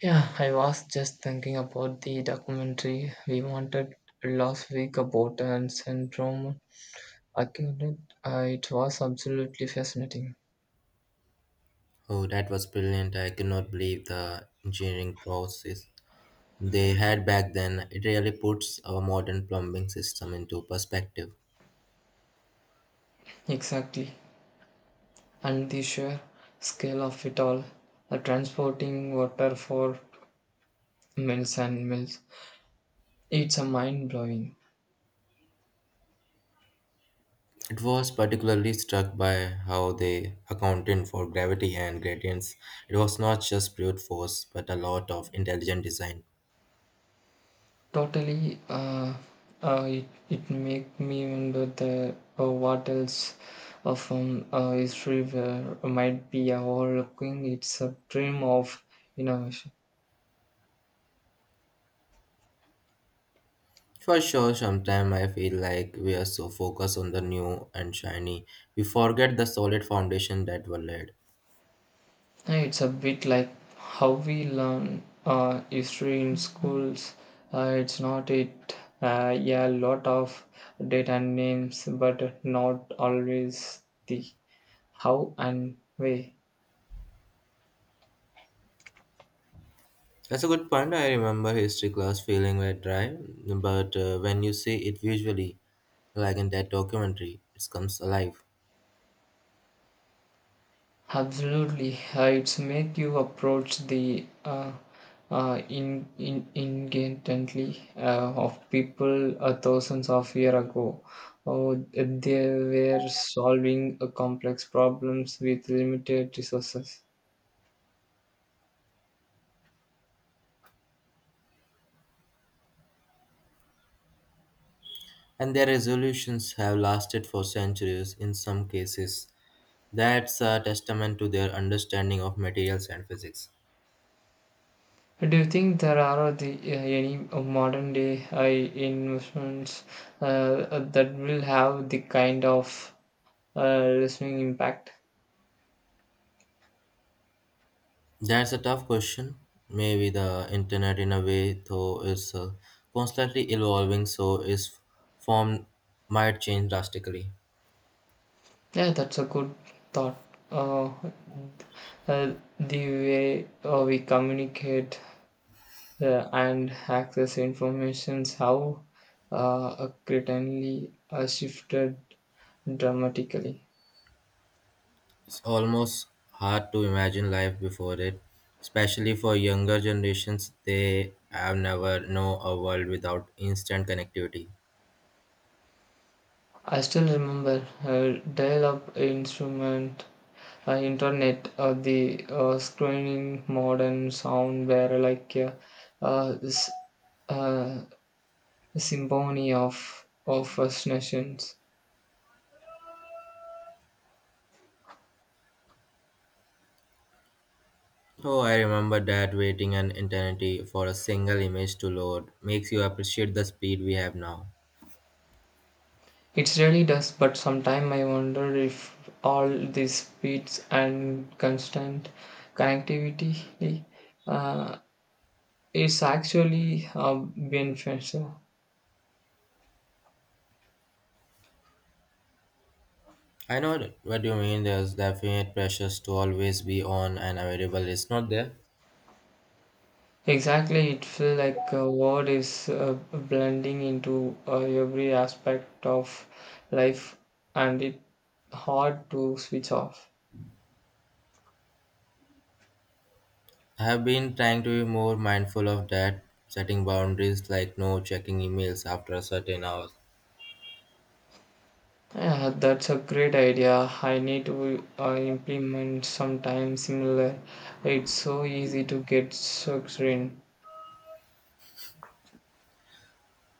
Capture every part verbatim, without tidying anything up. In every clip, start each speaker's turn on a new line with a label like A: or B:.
A: Yeah, I was just thinking about the documentary we wanted last week about and syndrome acute. Uh, it was absolutely fascinating.
B: Oh, that was brilliant. I cannot believe the engineering process they had back then. It really puts our modern plumbing system into perspective.
A: Exactly. And the sheer scale of it all. Uh, transporting water for miles and miles. It's a mind blowing.
B: It was particularly struck by how they accounted for gravity and gradients. It was not just brute force, but a lot of intelligent design.
A: Totally, uh, uh, it it make me wonder the uh, what else of um, uh, history where might be overlooking. It's a dream of innovation.
B: For sure, sometimes I feel like we are so focused on the new and shiny, we forget the solid foundation that were laid.
A: Uh, It's a bit like how we learn uh, history in schools. Uh, it's not it. Uh, yeah, a lot of data and names, but not always the how and where.
B: That's a good point. I remember history class feeling very dry, but uh, when you see it visually, like in that documentary, it comes alive.
A: Absolutely, uh, it's make you approach the uh, uh, in, in, ingently uh, of people uh, thousands of years ago. Oh, they were solving uh, complex problems with limited resources.
B: And their resolutions have lasted for centuries in some cases. That's a testament to their understanding of materials and physics.
A: Do you think there are the, uh, any modern day uh, investments uh, that will have the kind of uh, lasting impact?
B: That's a tough question. Maybe the internet, in a way, though, is uh, constantly evolving, so its form might change drastically.
A: Yeah, that's a good thought. Uh, uh, the way uh, we communicate uh, and access informations, how uh, certainly uh, shifted dramatically.
B: It's almost hard to imagine life before it, especially for younger generations. They have never know a world without instant connectivity.
A: I still remember uh, dial-up instrument, uh, internet, uh, the uh, screening modern sound were like uh, uh, this uh, symphony of of fascinations.
B: Oh, I remember that waiting an eternity for a single image to load makes you appreciate the speed we have now.
A: It really does, but sometimes I wonder if all these speeds and constant connectivity uh, is actually uh, beneficial.
B: I know what you mean. There's definite pressures to always be on and available. It's not there.
A: Exactly, it feels like a word is uh, blending into uh, every aspect of life, and it's hard to switch off.
B: I have been trying to be more mindful of that, setting boundaries like no checking emails after a certain hour.
A: Yeah, that's a great idea. I need to uh, implement sometime similar. It's so easy to get sucked in.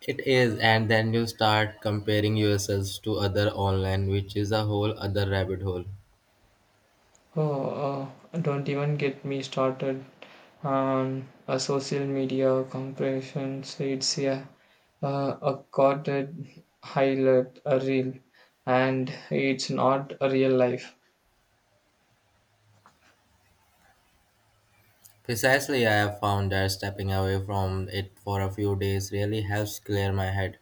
B: It is, and then you start comparing yourselves to other online, which is a whole other rabbit hole.
A: Oh, uh, don't even get me started on a social media compression. It's yeah, uh, a coded highlight, a reel, and it's not a real life.
B: Precisely, I have found that stepping away from it for a few days really helps clear my head.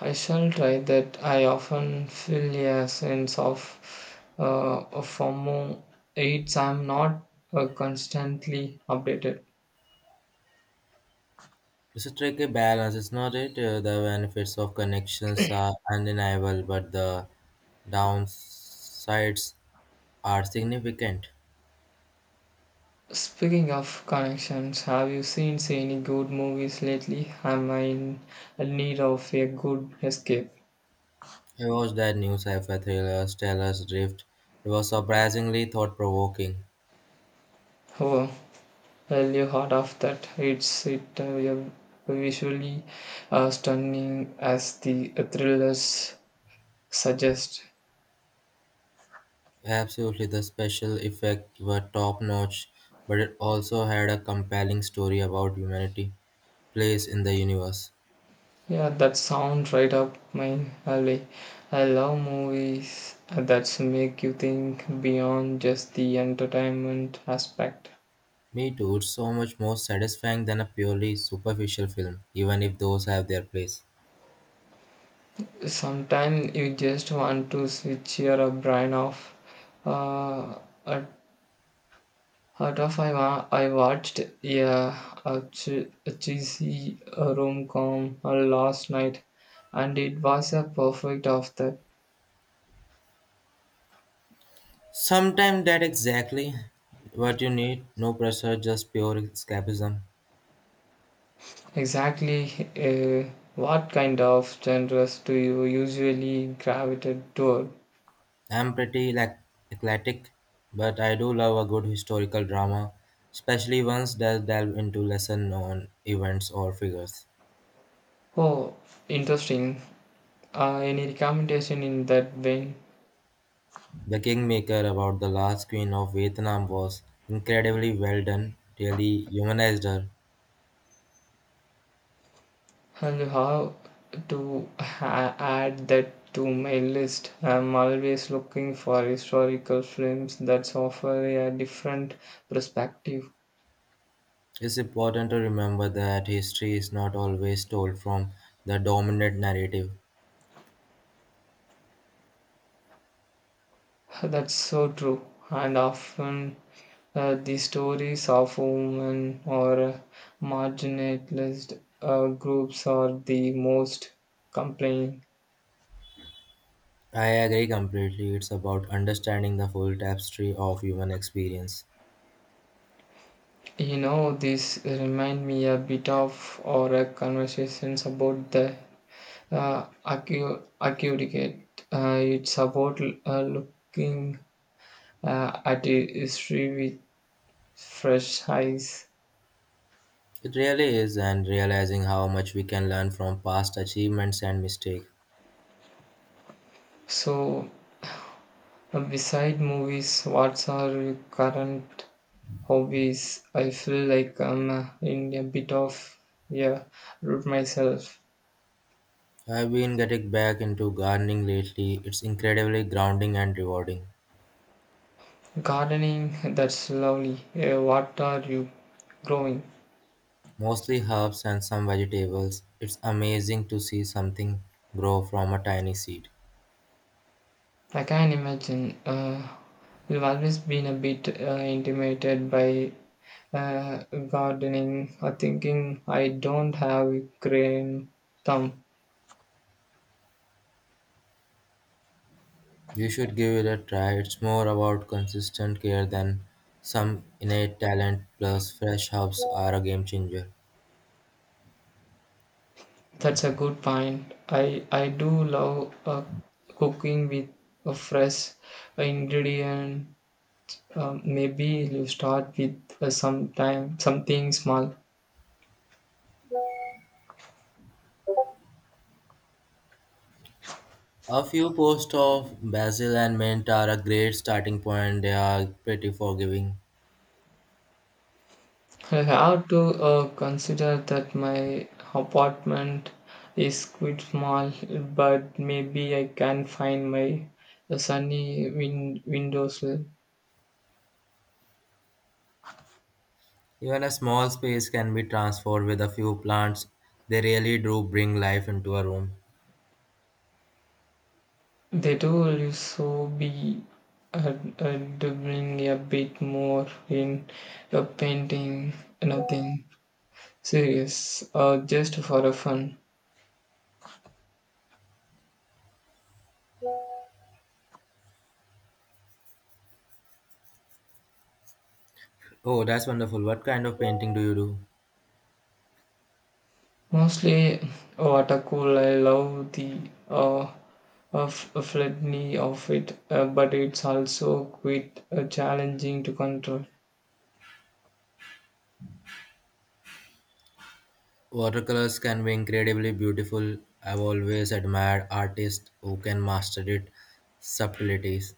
A: I shall try that. I often feel a sense of uh, FOMO. It's I'm not uh, constantly updated.
B: It's a tricky balance, is not it? Uh, The benefits of connections are undeniable, but the downsides are significant.
A: Speaking of connections, have you seen any good movies lately? Am I in need of a good escape?
B: I watched that new sci-fi thriller Stellar's Drift. It was surprisingly thought-provoking.
A: Oh, well, you heard of that. It's it uh, visually uh, stunning as the thrillers suggest.
B: Absolutely, the special effects were top notch, but it also had a compelling story about humanity' place in the universe.
A: Yeah, that sound right up my alley. I love movies that make you think beyond just the entertainment aspect.
B: Me too, it's so much more satisfying than a purely superficial film, even if those have their place.
A: Sometimes you just want to switch your brain off. Uh, at out of I, wa- I watched, yeah, a, che- a cheesy rom com last night, and it was a perfect of that.
B: Sometimes that exactly what you need, no pressure, just pure escapism.
A: Exactly. Uh, what kind of genres do you usually gravitate toward?
B: I'm pretty like eclectic, but I do love a good historical drama, especially ones that delve into lesser known events or figures.
A: Oh, interesting. Uh, any recommendation in that vein?
B: The Kingmaker about the last queen of Vietnam was incredibly well done, really humanized her.
A: And how to ha- add that to my list? I'm always looking for historical films that offer a different perspective.
B: It's important to remember that history is not always told from the dominant narrative.
A: That's so true. And often uh, the stories of women or uh, marginalized uh, groups are the most compelling.
B: I agree completely, it's about understanding the full tapestry of human experience.
A: You know, this remind me a bit of our conversations about the uh, accu- accurate. Uh, it's about uh, looking uh, at history with fresh eyes.
B: It really is, and realizing how much we can learn from past achievements and mistakes.
A: So Uh, beside movies, what's are your current hobbies? I feel like I'm uh, in a bit of a root myself.
B: I've been getting back into gardening lately, it's incredibly grounding and rewarding.
A: Gardening, that's lovely. Uh, what are you growing?
B: Mostly herbs and some vegetables, it's amazing to see something grow from a tiny seed.
A: I can imagine. Uh, you've always been a bit uh, intimidated by uh, gardening, uh, thinking I don't have a green thumb.
B: You should give it a try. It's more about consistent care than some innate talent, plus, fresh herbs are a game changer.
A: That's a good point. I I do love uh, cooking with a fresh ingredient. Um, maybe you start with uh, some time something small.
B: A few posts of basil and mint are a great starting point. They are pretty forgiving.
A: I have to uh, consider that my apartment is quite small, but maybe I can find my sunny win- windowsill.
B: Even a small space can be transformed with a few plants. They really do bring life into a room.
A: They do also be uh, uh, doing a bit more in your painting, nothing serious, uh, just for a fun.
B: Oh, that's wonderful. What kind of painting do you do?
A: Mostly watercolor. I love the uh, of flatness of it, uh, but it's also quite uh, challenging to control.
B: Watercolors can be incredibly beautiful. I've always admired artists who can master it subtleties.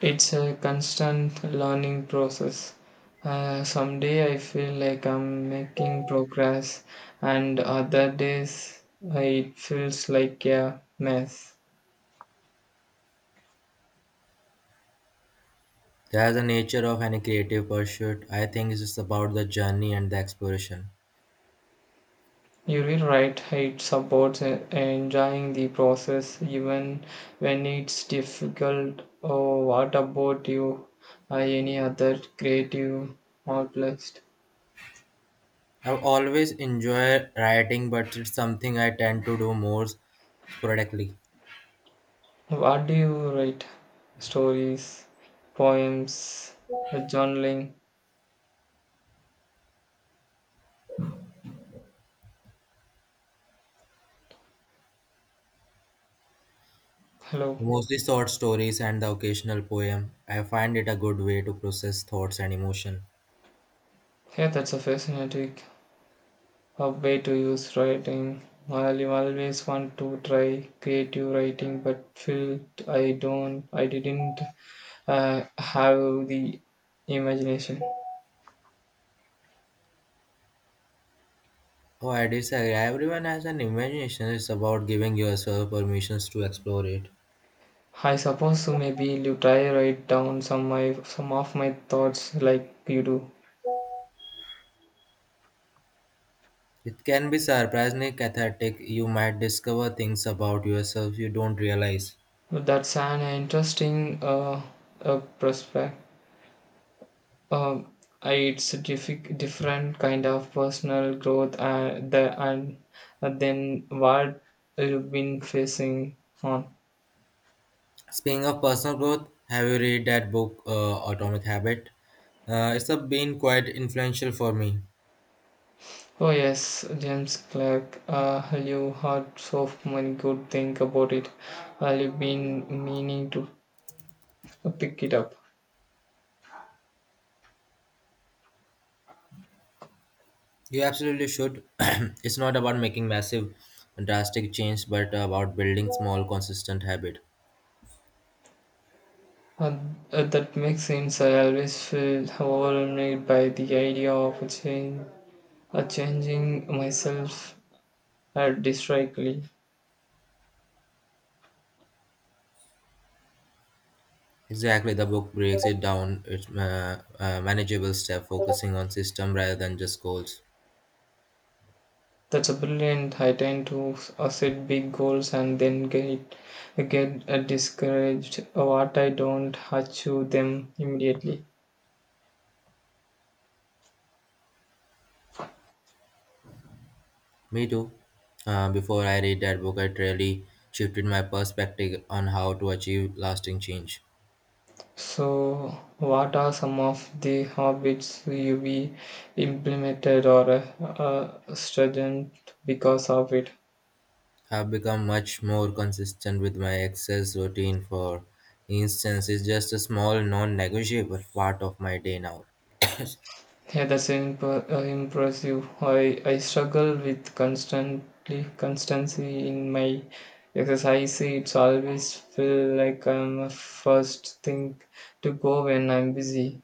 A: It's a constant learning process. Uh, some day I feel like I'm making progress, and other days uh, it feels like a mess.
B: That's the nature of any creative pursuit. I think it's just about the journey and the exploration.
A: You're right, it supports uh, enjoying the process even when it's difficult. Oh, what about you? Uh, any other creative outlets?
B: I've always enjoyed writing, but it's something I tend to do more sporadically.
A: What do you write? Stories, poems, uh, journaling? Hello.
B: Mostly short stories and the occasional poem. I find it a good way to process thoughts and emotion.
A: Yeah, that's a fascinating uh, way to use writing. I always want to try creative writing, but feel I don't, I didn't uh, have the imagination.
B: Oh, I disagree. Everyone has an imagination. It's about giving yourself permissions to explore it.
A: I suppose so. Maybe you try write down some my some of my thoughts like you do.
B: It can be surprisingly cathartic. You might discover things about yourself you don't realize.
A: That's an interesting uh, uh, prospect. Um, I- it's a diffi- different kind of personal growth uh, the, and uh, then what you've been facing on.
B: Speaking of personal growth, have you read that book, uh, Atomic Habit? Uh, it's a- been quite influential for me.
A: Oh yes, James Clerk, uh, you heard so many good things about it. Uh, you've been meaning to pick it up.
B: You absolutely should. It's not about making massive, drastic change, but about building small, consistent habit.
A: Uh, uh, that makes sense. I always feel overwhelmed by the idea of a change, uh, changing myself uh, drastically.
B: Exactly, the book breaks it down. It's uh, uh, manageable step, focusing on system rather than just goals.
A: That's a brilliant. I tend to uh, set big goals and then get get uh, discouraged what I don't achieve them immediately.
B: Me too. Uh, before I read that book, it really shifted my perspective on how to achieve lasting change.
A: So, what are some of the habits you be implemented or uh, uh, strengthened because of it?
B: I've become much more consistent with my exercise routine, for instance, it's just a small, non negotiable part of my day now.
A: Yeah, that's imp- uh, impressive. I, I struggle with constantly constancy in my exercise. It's always feel like I'm a first thing to go when I'm busy.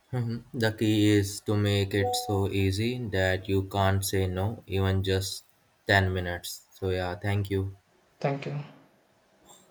B: Mhm. The key is to make it so easy that you can't say no, even just ten minutes. So, yeah, thank you.
A: Thank you.